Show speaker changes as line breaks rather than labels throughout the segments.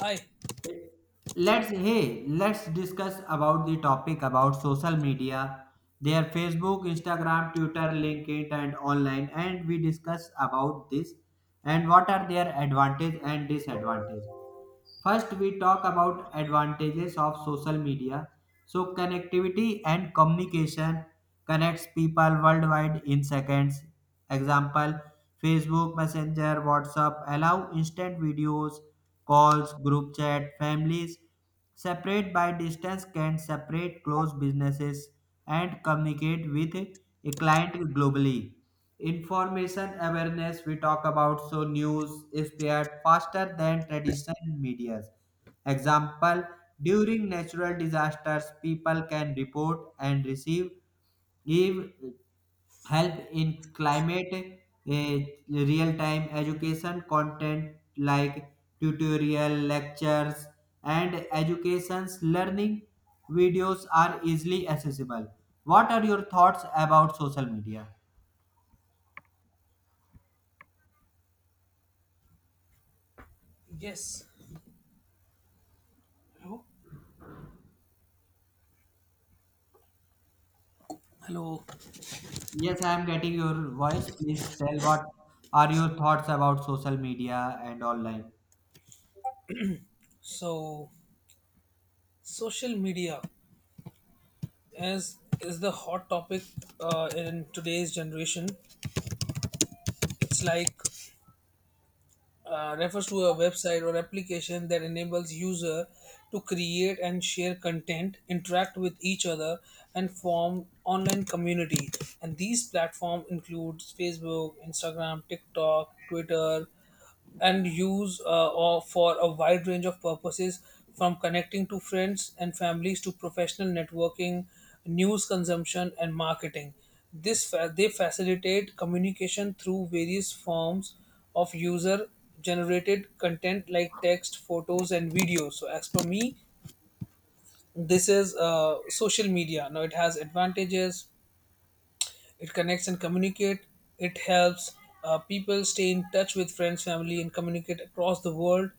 Hi,
Let's discuss about the topic about social media, their facebook, Instagram, Twitter, LinkedIn, and online, and we discuss about this and what are their advantage and disadvantage. First, we talk about advantages of social media. So, connectivity and communication connects people worldwide in seconds. Example, Facebook Messenger, WhatsApp allow instant videos, calls, group chat, families separate by distance can separate close businesses and communicate with a client globally. Information awareness, we talk about. So news spread faster than traditional media. Example, during natural disasters people can report and receive, give help in climate, real-time education content like tutorial lectures, and education's learning videos are easily accessible. What are your thoughts about social media?
yes. Hello. Hello.
Yes, I am getting your voice. Please tell what are your thoughts about social media and online.
So, Social media as is the hot topic in today's generation. It's like refers to a website or application that enables user to create and share content, interact with each other, and form online community. And these platforms include Facebook, Instagram, TikTok, Twitter, and use or for a wide range of purposes from connecting to friends and families to professional networking, news consumption, and marketing. They facilitate communication through various forms of user generated content like text, photos, and videos. So, as per me, this is social media. Now, it has advantages. It connects and communicate, it helps people stay in touch with friends, family, and communicate across the world,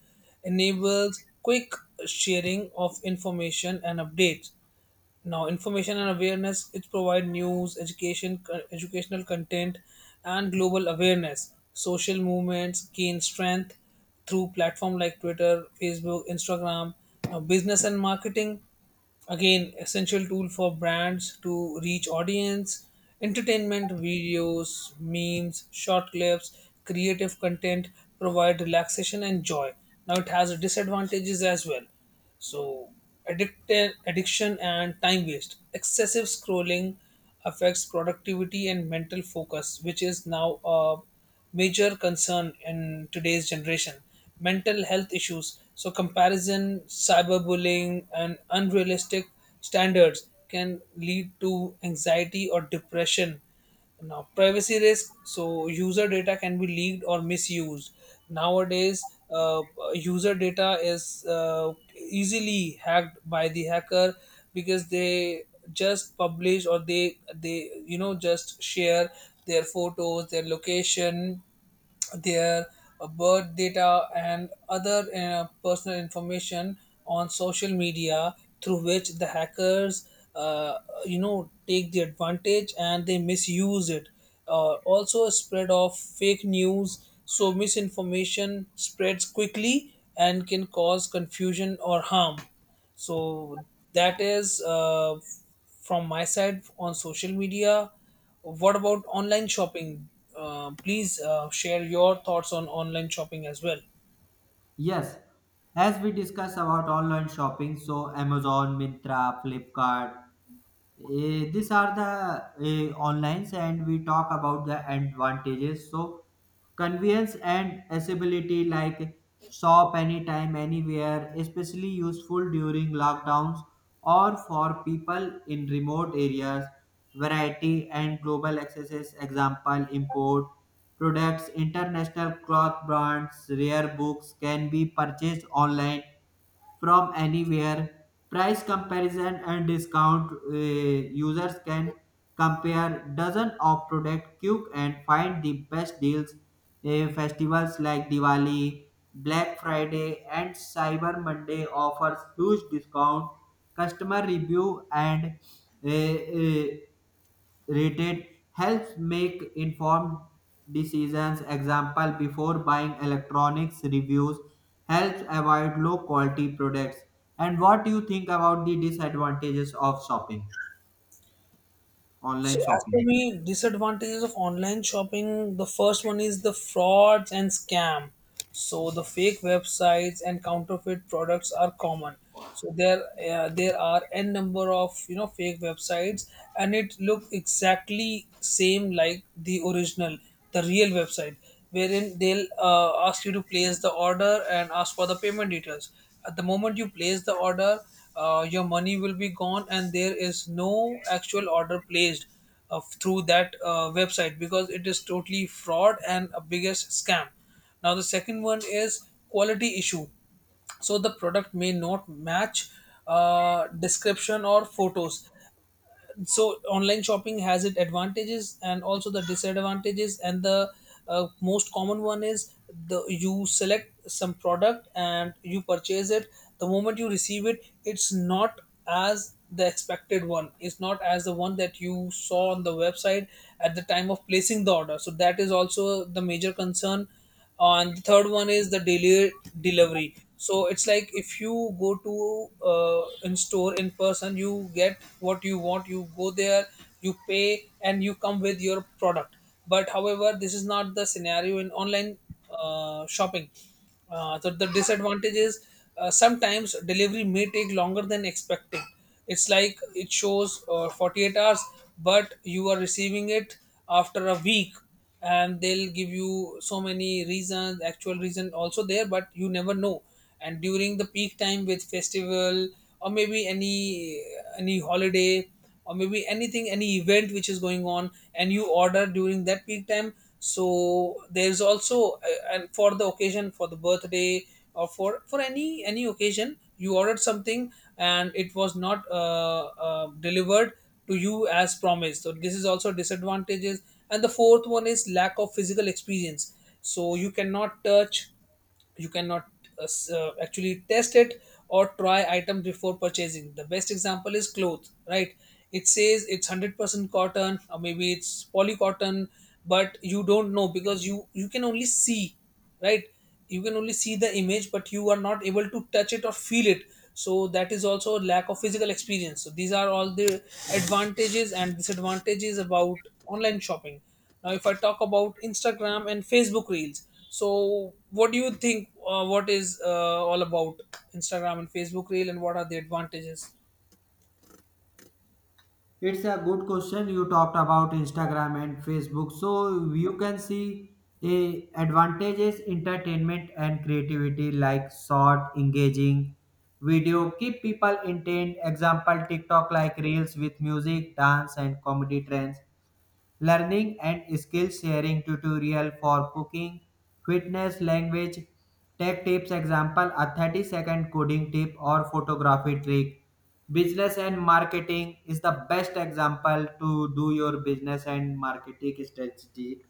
enables quick sharing of information and updates. Now, information and awareness, it provides news, education, educational content, and global awareness. Social movements gain strength through platform like Twitter, Facebook, Instagram. Now, business and marketing, again essential tool for brands to reach audience. Entertainment videos, memes, short clips, creative content provide relaxation and joy. Now, it has disadvantages as well. So, addiction and time waste. Excessive scrolling affects productivity and mental focus, which is now a major concern in today's generation. Mental health issues, so comparison, cyberbullying, and unrealistic standards can lead to anxiety or depression. Now, privacy risk. So, user data can be leaked or misused. Nowadays, user data is easily hacked by the hacker because they just publish, or they you know just share their photos, their location, their birth data, and other personal information on social media, through which the hackers uh, you know take the advantage and they misuse it. Also, a spread of fake news, so misinformation spreads quickly and can cause confusion or harm. So that is from my side on social media. What about online shopping? Please share your thoughts on online shopping as well.
Yes, as we discuss about online shopping, so Amazon, Mintra, Flipkart, these are the onlines, and we talk about the advantages. So convenience and accessibility, like shop anytime anywhere, especially useful during lockdowns or for people in remote areas. Variety and global accesses, example import products, international cloth brands, rare books can be purchased online from anywhere. Price comparison and discount, users can compare dozens of product quick and find the best deals. Festivals like Diwali, Black Friday, and Cyber Monday offers huge discount. Customer review and uh, uh, rated helps make informed decisions. Example, before buying electronics, reviews helps avoid low quality products. And what do you think about the disadvantages of shopping,
So,
online
as
shopping?
for me, disadvantages of online shopping, the first one is the frauds and scam. So, the fake websites and counterfeit products are common. So there, there are n number of you know fake websites, and it look exactly same like the original, the real website, wherein they'll ask you to place the order and ask for the payment details. At the moment you place the order, your money will be gone, and there is no actual order placed through that website because it is totally fraud and a biggest scam. Now, the second one is quality issue, so the product may not match description or photos. So online shopping has its advantages and also the disadvantages, and the most common one is the you select some product and you purchase it, the moment you receive it it's not as the expected one, it's not as the one that you saw on the website at the time of placing the order. So that is also the major concern. And the third one is the daily delivery. So it's like, if you go to in store in person, you get what you want, you go there, you pay, and you come with your product. But however, this is not the scenario in online shopping. So the disadvantage is, sometimes delivery may take longer than expected. It's like it shows 48 hours, but you are receiving it after a week, and they'll give you so many reasons, actual reason also there, but you never know. And during the peak time with festival, or maybe any holiday, or maybe anything any event which is going on, and you order during that peak time, so there's also and for the occasion, for the birthday, or for any occasion, you ordered something and it was not delivered to you as promised. So this is also disadvantages. And the fourth one is lack of physical experience. So you cannot touch, you cannot actually test it or try items before purchasing. The best example is cloth, right? It says it's 100% cotton, or maybe it's poly cotton, but you don't know because you can only see, right? You can only see the image, but you are not able to touch it or feel it. So that is also a lack of physical experience. So these are all the advantages and disadvantages about online shopping. Now, if I talk about Instagram and Facebook reels, so, what do you think? What is all about Instagram and Facebook Reel, and what are the advantages?
It's a good question. You talked about Instagram and Facebook, so you can see a advantages entertainment and creativity, like short engaging video keep people entertained. Example, TikTok like reels with music, dance, and comedy trends. Learning and skill sharing, tutorial for cooking, fitness, language, tech tips. Example, a 30-second coding tip or photography trick. Business and marketing is the best example to do your business and marketing strategy,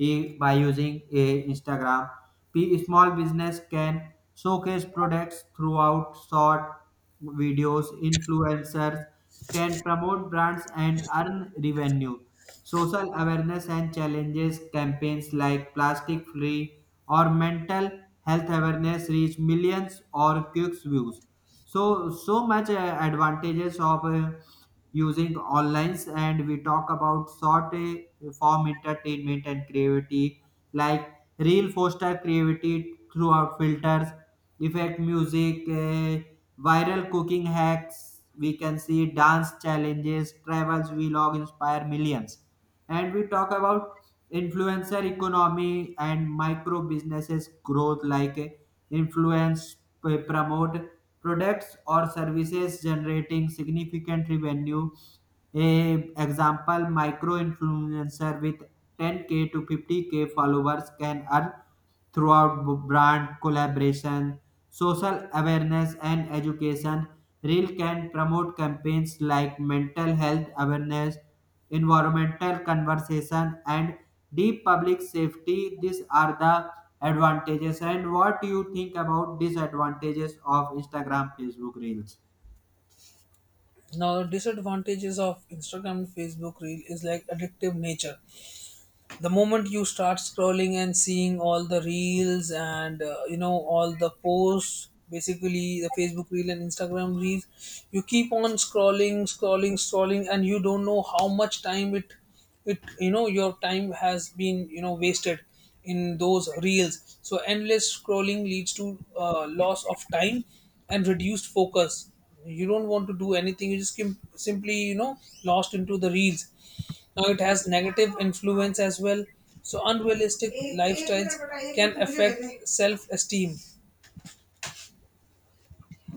by using Instagram. P Small business can showcase products throughout short videos. Influencers can promote brands and earn revenue. Social awareness and challenges, campaigns like Plastic Free or Mental Health Awareness reach millions or quick views. So so much advantages of using online. And we talk about short form entertainment and creativity, like real foster creativity throughout filters, effect, music, viral cooking hacks. We can see dance challenges, travels, vlog inspire millions. And we talk about influencer economy and micro businesses growth, like influence promote products or services, generating significant revenue. A example, micro influencer with 10k to 50k followers can earn throughout brand collaboration, social awareness, and education. Reel can promote campaigns like mental health awareness, environmental conversation, and deep public safety. These are the advantages. And what do you think about disadvantages of Instagram, Facebook Reels?
Now, the disadvantages of Instagram and Facebook Reel is like addictive nature. The moment you start scrolling and seeing all the reels, and you know all the posts, basically the Facebook reel and Instagram reels, you keep on scrolling, scrolling, scrolling, and you don't know how much time it, you know, your time has been you know wasted in those reels. So endless scrolling leads to loss of time and reduced focus. You don't want to do anything, you just simply you know lost into the reels. Now it has negative influence as well. So unrealistic lifestyles can affect self-esteem.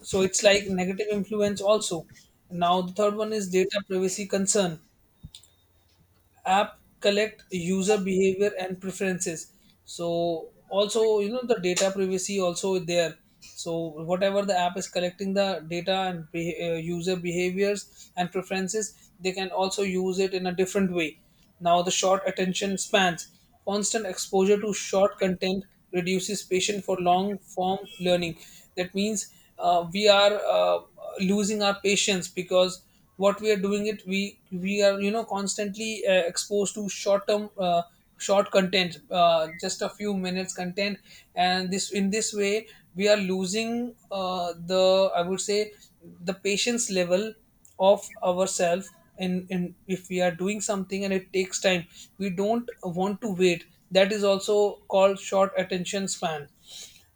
So it's like negative influence also. Now the third one is data privacy concern. App collect user behavior and preferences, so also you know the data privacy also there. So whatever the app is collecting, the data and user behaviors and preferences, they can also use it in a different way. Now the short attention spans, constant exposure to short content reduces patience for long form learning. That means we are losing our patience, because what we are doing it, we are you know constantly exposed to short term short content, just a few minutes content. And this, in this way, we are losing the, I would say, the patience level of ourselves. And if we are doing something and it takes time, we don't want to wait. That is also called short attention span.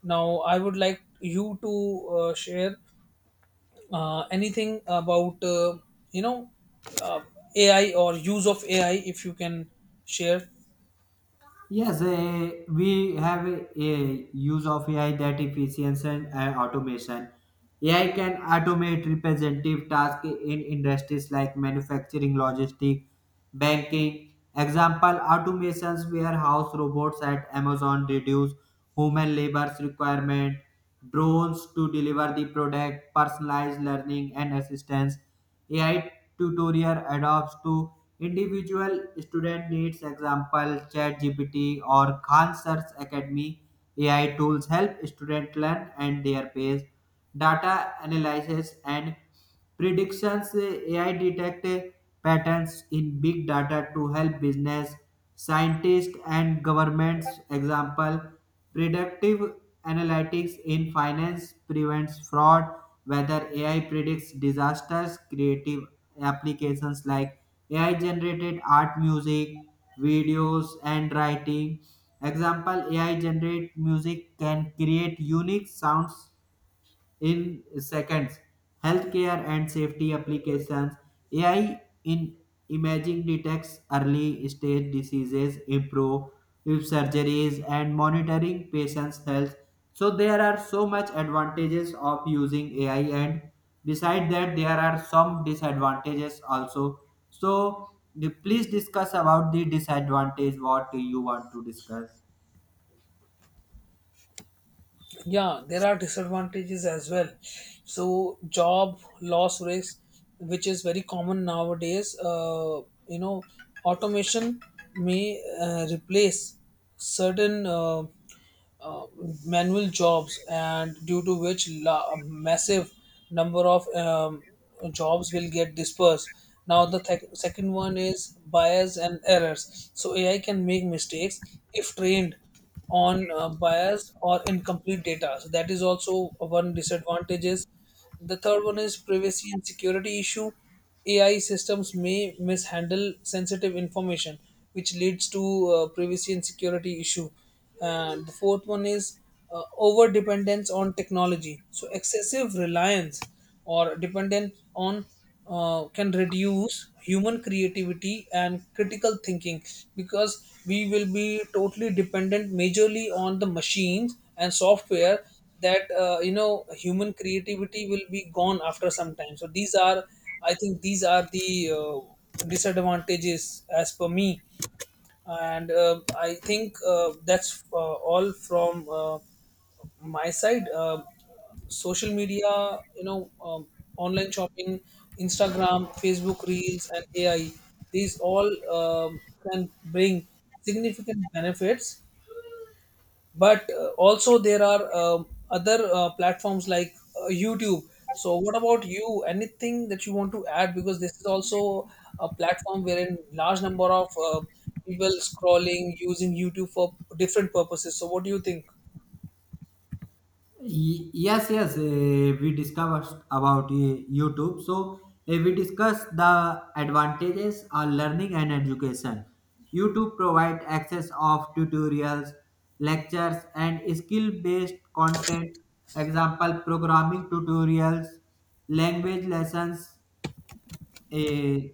Now I would like you to share anything about you know uh, AI, or use of AI, if you can share.
Yes, we have a use of AI, that efficiency and automation. AI can automate representative tasks in industries like manufacturing, logistics, banking. Example, automations warehouse robots at Amazon reduce human labor's requirement, drones to deliver the product, personalized learning and assistance. AI tutorial adopts to individual student needs. Example, ChatGPT or Khan search academy, AI tools help student learn and their pace. Data analysis and predictions, AI detect patterns in big data to help business, scientists, and governments. Example, predictive analytics in finance prevents fraud, whether AI predicts disasters. Creative applications like AI generated art, music, videos, and writing. Example, AI generate music can create unique sounds in seconds. Healthcare and safety applications. AI in imaging detects early stage diseases, improve surgeries, and monitoring patients' health. So there are so much advantages of using AI, and beside that, there are some disadvantages also. So please discuss about the disadvantage. What you want to discuss?
Yeah, there are disadvantages as well. So job loss risk, which is very common nowadays. You know, automation may replace certain. Uh, Manual jobs, and due to which massive number of jobs will get dispersed. Now the second one is bias and errors. So AI can make mistakes if trained on bias or incomplete data. So that is also one disadvantages. The third one is privacy and security issue. AI systems may mishandle sensitive information, which leads to privacy and security issue. And the fourth one is over dependence on technology. So excessive reliance or dependence on can reduce human creativity and critical thinking, because we will be totally dependent majorly on the machines and software. That you know, human creativity will be gone after some time. So these are, I think these are the disadvantages as per me. And I think that's all from my side. Social media, you know, online shopping, Instagram, Facebook reels, and AI, these all um, can bring significant benefits. But also there are other platforms like YouTube. So what about you, anything that you want to add, because this is also a platform wherein large number of people scrolling using YouTube for different purposes. So what do you think?
Yes, we discussed about YouTube. So we discussed the advantages are learning and education. YouTube provide access of tutorials, lectures, and skill based content. Example, programming tutorials, language lessons, uh,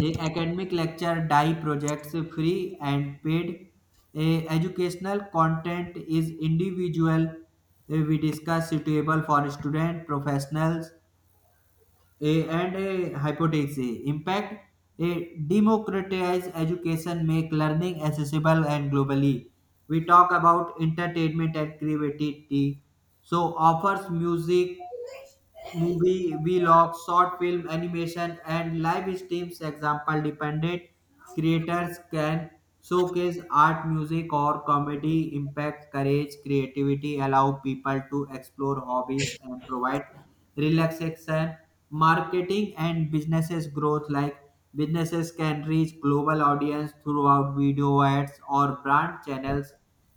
a academic lecture, die projects, free and paid. A educational content is individual. A we discuss suitable for student, professionals, a and a hypothesis. A impact. A democratize education, make learning accessible and globally. We talk about entertainment and creativity. So offers music, movie, vlog, short film, animation, and live streams. Example, dependent creators can showcase art, music, or comedy, impact, courage, creativity, allow people to explore hobbies and provide relaxation. Marketing and businesses growth, like businesses can reach global audience throughout video ads or brand channels.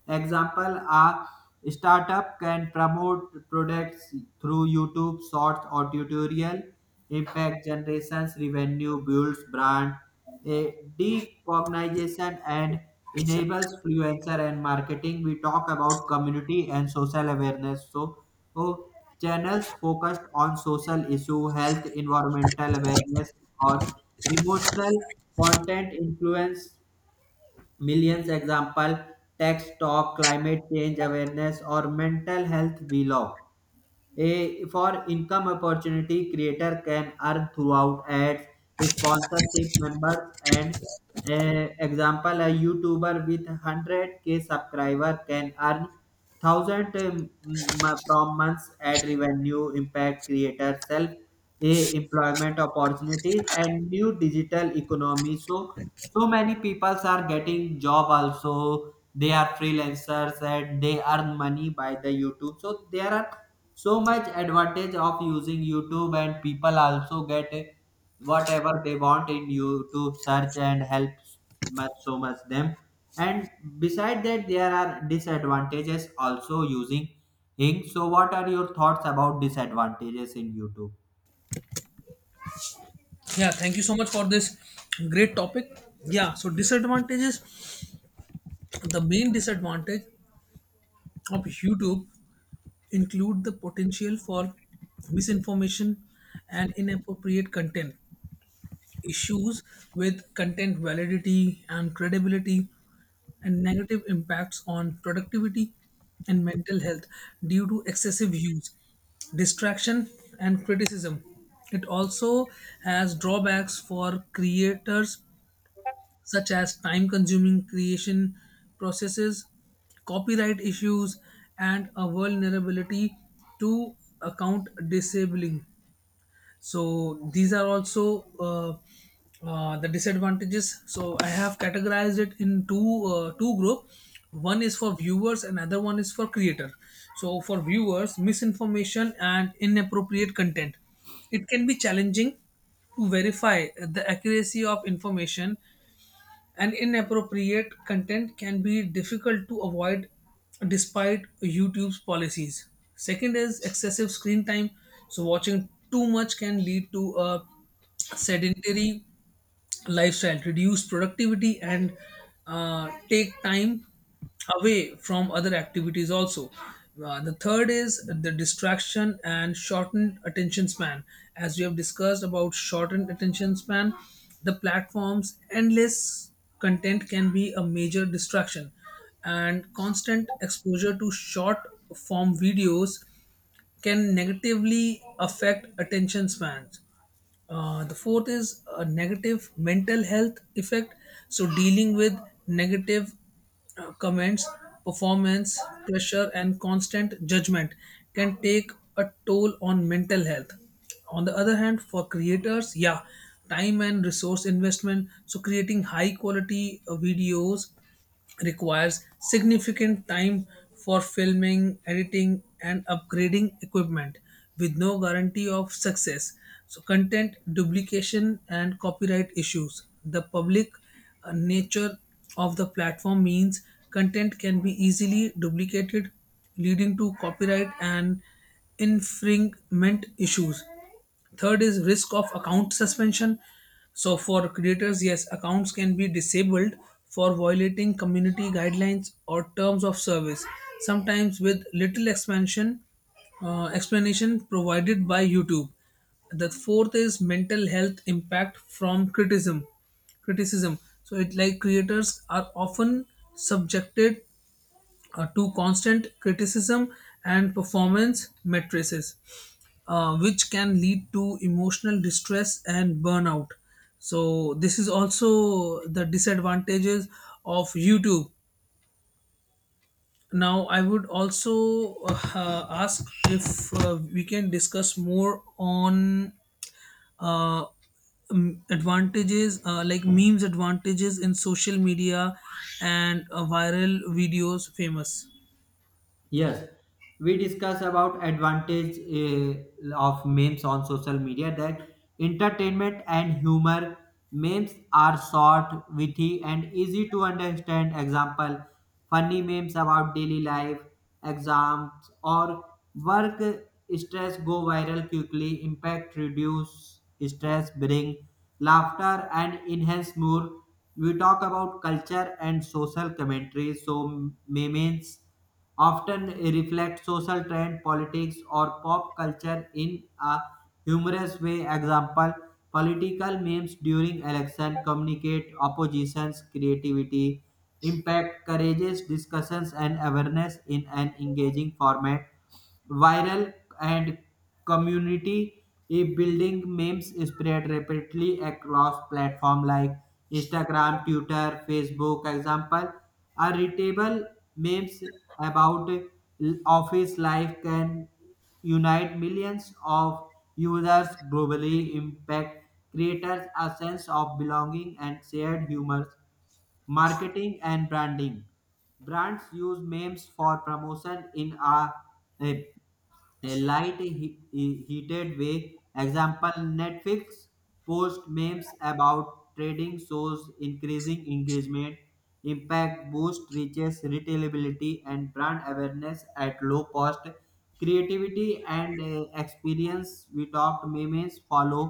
Example, a startup can promote products through YouTube shorts or tutorial, impact generations, revenue builds brand eh, recognition, and enables influencer and marketing. We talk about community and social awareness. So, oh, channels focused on social issue, health, environmental awareness, or emotional content influence millions. Example, tax talk, climate change awareness, or mental health. We a for income opportunity, creator can earn throughout ads, sponsorship members, and example, a YouTuber with 100k subscriber can earn 1,000 from months ad revenue. Impact creator self a employment opportunities and new digital economy. So so many people are getting job also. They are freelancers and they earn money by the YouTube. So there are so much advantage of using YouTube, and people also get whatever they want in YouTube search, and helps much so much them. And beside that, there are disadvantages also using Ing. So what are your thoughts about disadvantages in YouTube?
Yeah, thank you so much for this great topic. Yeah, so disadvantages. The main disadvantage of YouTube include the potential for misinformation and inappropriate content, issues with content validity and credibility, and negative impacts on productivity and mental health due to excessive use, distraction, and criticism. It also has drawbacks for creators, such as time consuming creation processes, copyright issues, and a vulnerability to account disabling. So these are also the disadvantages. So I have categorized it in two two group. One is for viewers, another one is for creator. So for viewers, misinformation and inappropriate content, it can be challenging to verify the accuracy of information, and inappropriate content can be difficult to avoid despite YouTube's policies. Second is excessive screen time. So, watching too much can lead to a sedentary lifestyle, reduce productivity, and take time away from other activities also. The third is the distraction and shortened attention span. As we have discussed about shortened attention span, the platform's endless content can be a major distraction, and constant exposure to short form videos can negatively affect attention spans. The fourth is a negative mental health effect. So dealing with negative comments, performance, pressure, and constant judgment can take a toll on mental health. On the other hand, for creators, yeah, time and resource investment. So creating high quality videos requires significant time for filming, editing, and upgrading equipment with no guarantee of success. So, content duplication and copyright issues. The public nature of the platform means content can be easily duplicated, leading to copyright and infringement issues. Third is risk of account suspension. So for creators, yes, accounts can be disabled for violating community guidelines or terms of service, sometimes with little expansion explanation provided by YouTube. The fourth is mental health impact from criticism. So it like creators are often subjected to constant criticism and performance matrices, which can lead to emotional distress and burnout. So, this is also the disadvantages of YouTube. Now, I would also ask if we can discuss more on uh, advantages like memes advantages in social media and viral videos famous
Yes, we discuss about advantage of memes on social media. That entertainment and humor. Memes are short, witty, and easy to understand. Example, funny memes about daily life, exams, or work stress go viral quickly. Impact, reduce stress, bring laughter, and enhance mood. We talk about culture and social commentary. So memes often reflect social trend, politics, or pop culture in a humorous way. Example, political memes during election communicate opposition's creativity, impact courageous discussions and awareness in an engaging format. Viral and community building, memes spread rapidly across platforms like Instagram, Twitter, Facebook. Example, a readable memes about office life can unite millions of users globally. Impact creators a sense of belonging and shared humor. Marketing and branding, brands use memes for promotion in uh, a light heated way. Example, Netflix post memes about trading shows, increasing engagement, impact boost reaches retailability and brand awareness at low cost. Creativity and experience, we talked memes follow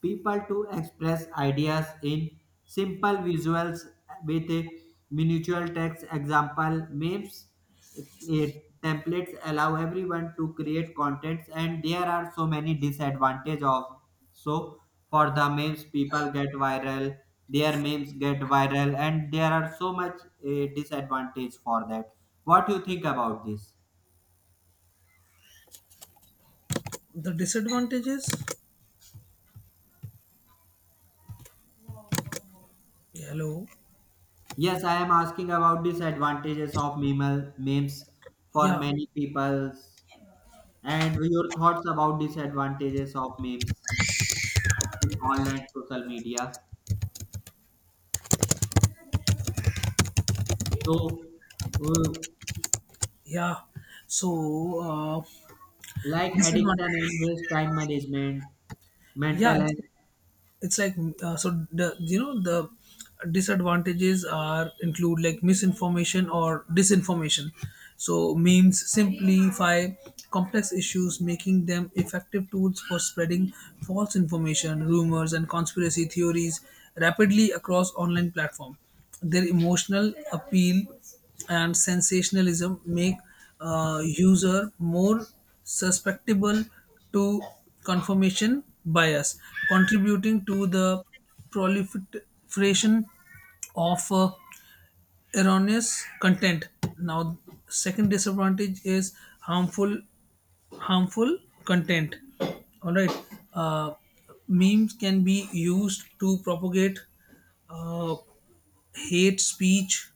people to express ideas in simple visuals with a miniature text. Example, memes a templates allow everyone to create contents. And there are so many disadvantage of, so for the memes people get viral, their memes get viral, and there are so much disadvantage for that. What do you think about this?
the disadvantages. Yeah, hello.
Yes, I am asking about disadvantages of memes for
Yeah.
many peoples, and your thoughts about disadvantages of memes in online social media. So uh,
Yeah. So uh,
like
this is one.
addiction and waste time management,
Yeah,
mental health.
it's like so the you know the disadvantages are include like misinformation or disinformation. So memes simplify complex issues, making them effective tools for spreading false information, rumors, and conspiracy theories rapidly across online platform. Their emotional appeal and sensationalism make user more susceptible to confirmation bias, contributing to the proliferation of erroneous content. Now, second disadvantage is harmful harmful content. All right, uh, memes can be used to propagate uh, hate speech,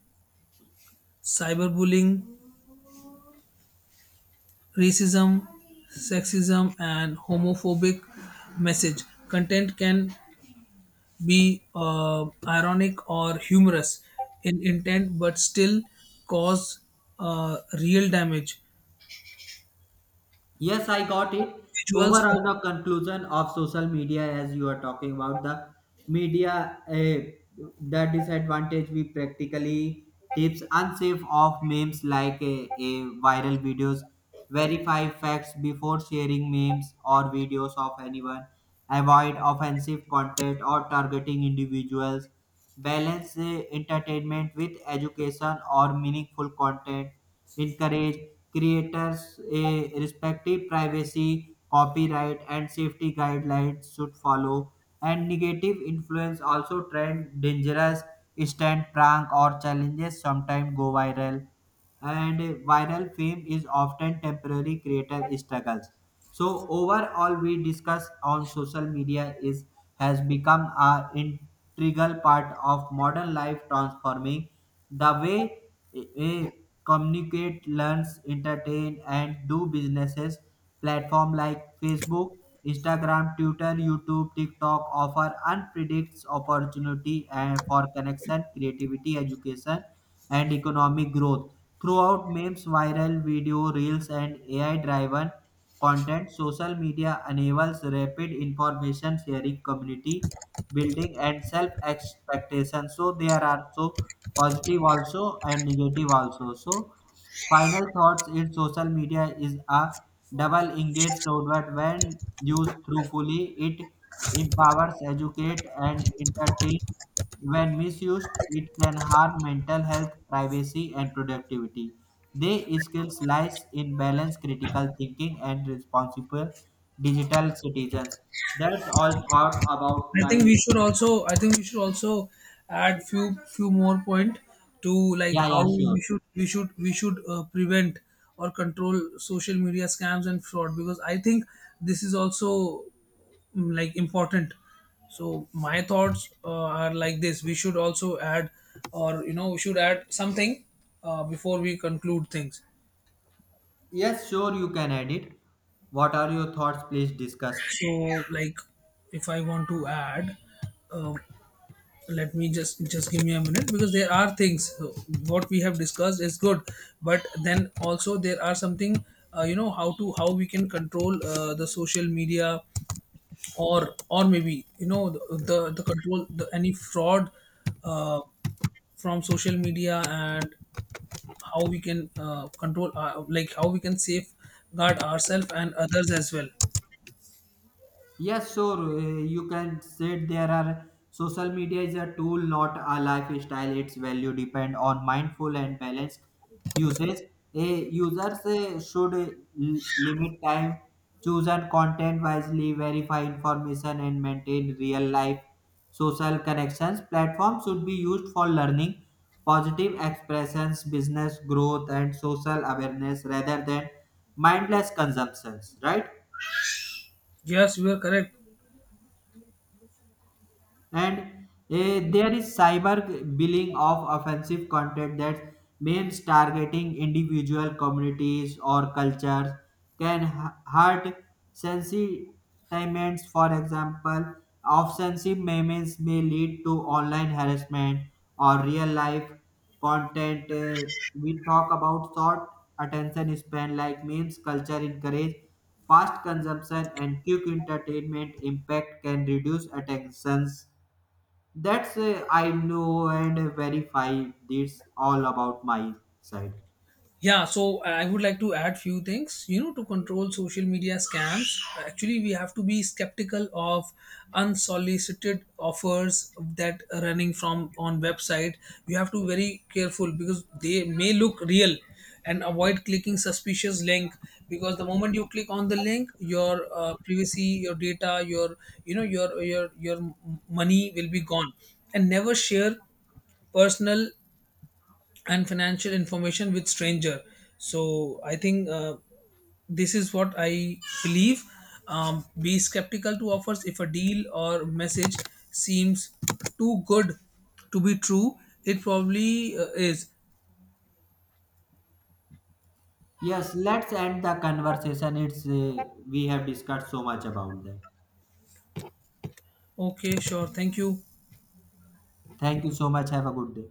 cyberbullying, racism, sexism, and homophobic message. Content can be ironic or humorous in intent, but still cause real damage.
Yes, I got it.
Visuals.
Overall, the conclusion of social media, as you are talking about the media, the disadvantage, we practically tips unsafe of memes like a, viral videos. Verify facts before sharing memes or videos of anyone. Avoid offensive content or targeting individuals. Balance entertainment with education or meaningful content. Encourage creators a respective privacy, copyright, and safety guidelines should follow. And negative influence also, trend dangerous stunt, prank, or challenges sometimes go viral. And viral fame is often temporary, creator struggles. So overall we discuss on social media is, has become a integral part of modern life, transforming the way eh, eh, communicate, learns, entertain, and do businesses. Platform like Facebook, Instagram, Twitter, YouTube, TikTok offer unpredicted opportunity and for connection, creativity, education, and economic growth. Throughout memes, viral video, reels, and AI-driven content, social media enables rapid information sharing, community building, and self expectation. So, there are so positive also and negative also. So, final thoughts is social media is a double-edged sword. When used truthfully, it empowers, educates, and entertains. When misused, it can harm mental health, privacy, and productivity. They skills lies in balance, critical thinking, and responsible digital citizens. That's all thought about
I think
my.
we should also I think we should also add few more point to like
Yeah,
how
yeah, sure.
we should prevent or control social media scams and fraud because I think this is also like important. So my thoughts are like this: we should also add, or you know, we should add something before we conclude things.
Yes, sure, you can add it. What are your thoughts? Please discuss.
So like, if I want to add, um let me just give me a minute because there are things what we have discussed is good but then also there are something you know how to how we can control the social media or maybe you know the control the, any fraud uh, from social media and how we can control our, like how we can safeguard ourselves and others as well.
Yes, sure. You can say there are, social media is a tool, not a lifestyle. Its value depend on mindful and balanced usage. A users should limit time, choose and content wisely, verify information, and maintain real life social connections. Platforms should be used for learning, positive expressions, business growth, and social awareness rather than mindless consumptions. Right.
Yes, you are correct.
And there is cyber billing of offensive content. That means targeting individual communities or cultures can hurt sentiments. For example, offensive memes may lead to online harassment or real life content. We talk about short attention span, like memes culture encourage fast consumption and quick entertainment. Impact can reduce attentions. That's I know and verify this, all about my side.
Yeah, so I would like to add few things. You know, to control social media scams, actually we have to be skeptical of unsolicited offers that are running from on website. You have to very careful because they may look real, and avoid clicking suspicious link because the moment you click on the link, your privacy, your data, your you know your money will be gone, and never share personal and financial information with stranger. So I think this is what I believe. Be skeptical to offers. If a deal or message seems too good to be true, it probably is.
Yes, let's end the conversation. It's we have discussed so much about that.
Okay, sure, thank you.
Thank you so much. Have a good day.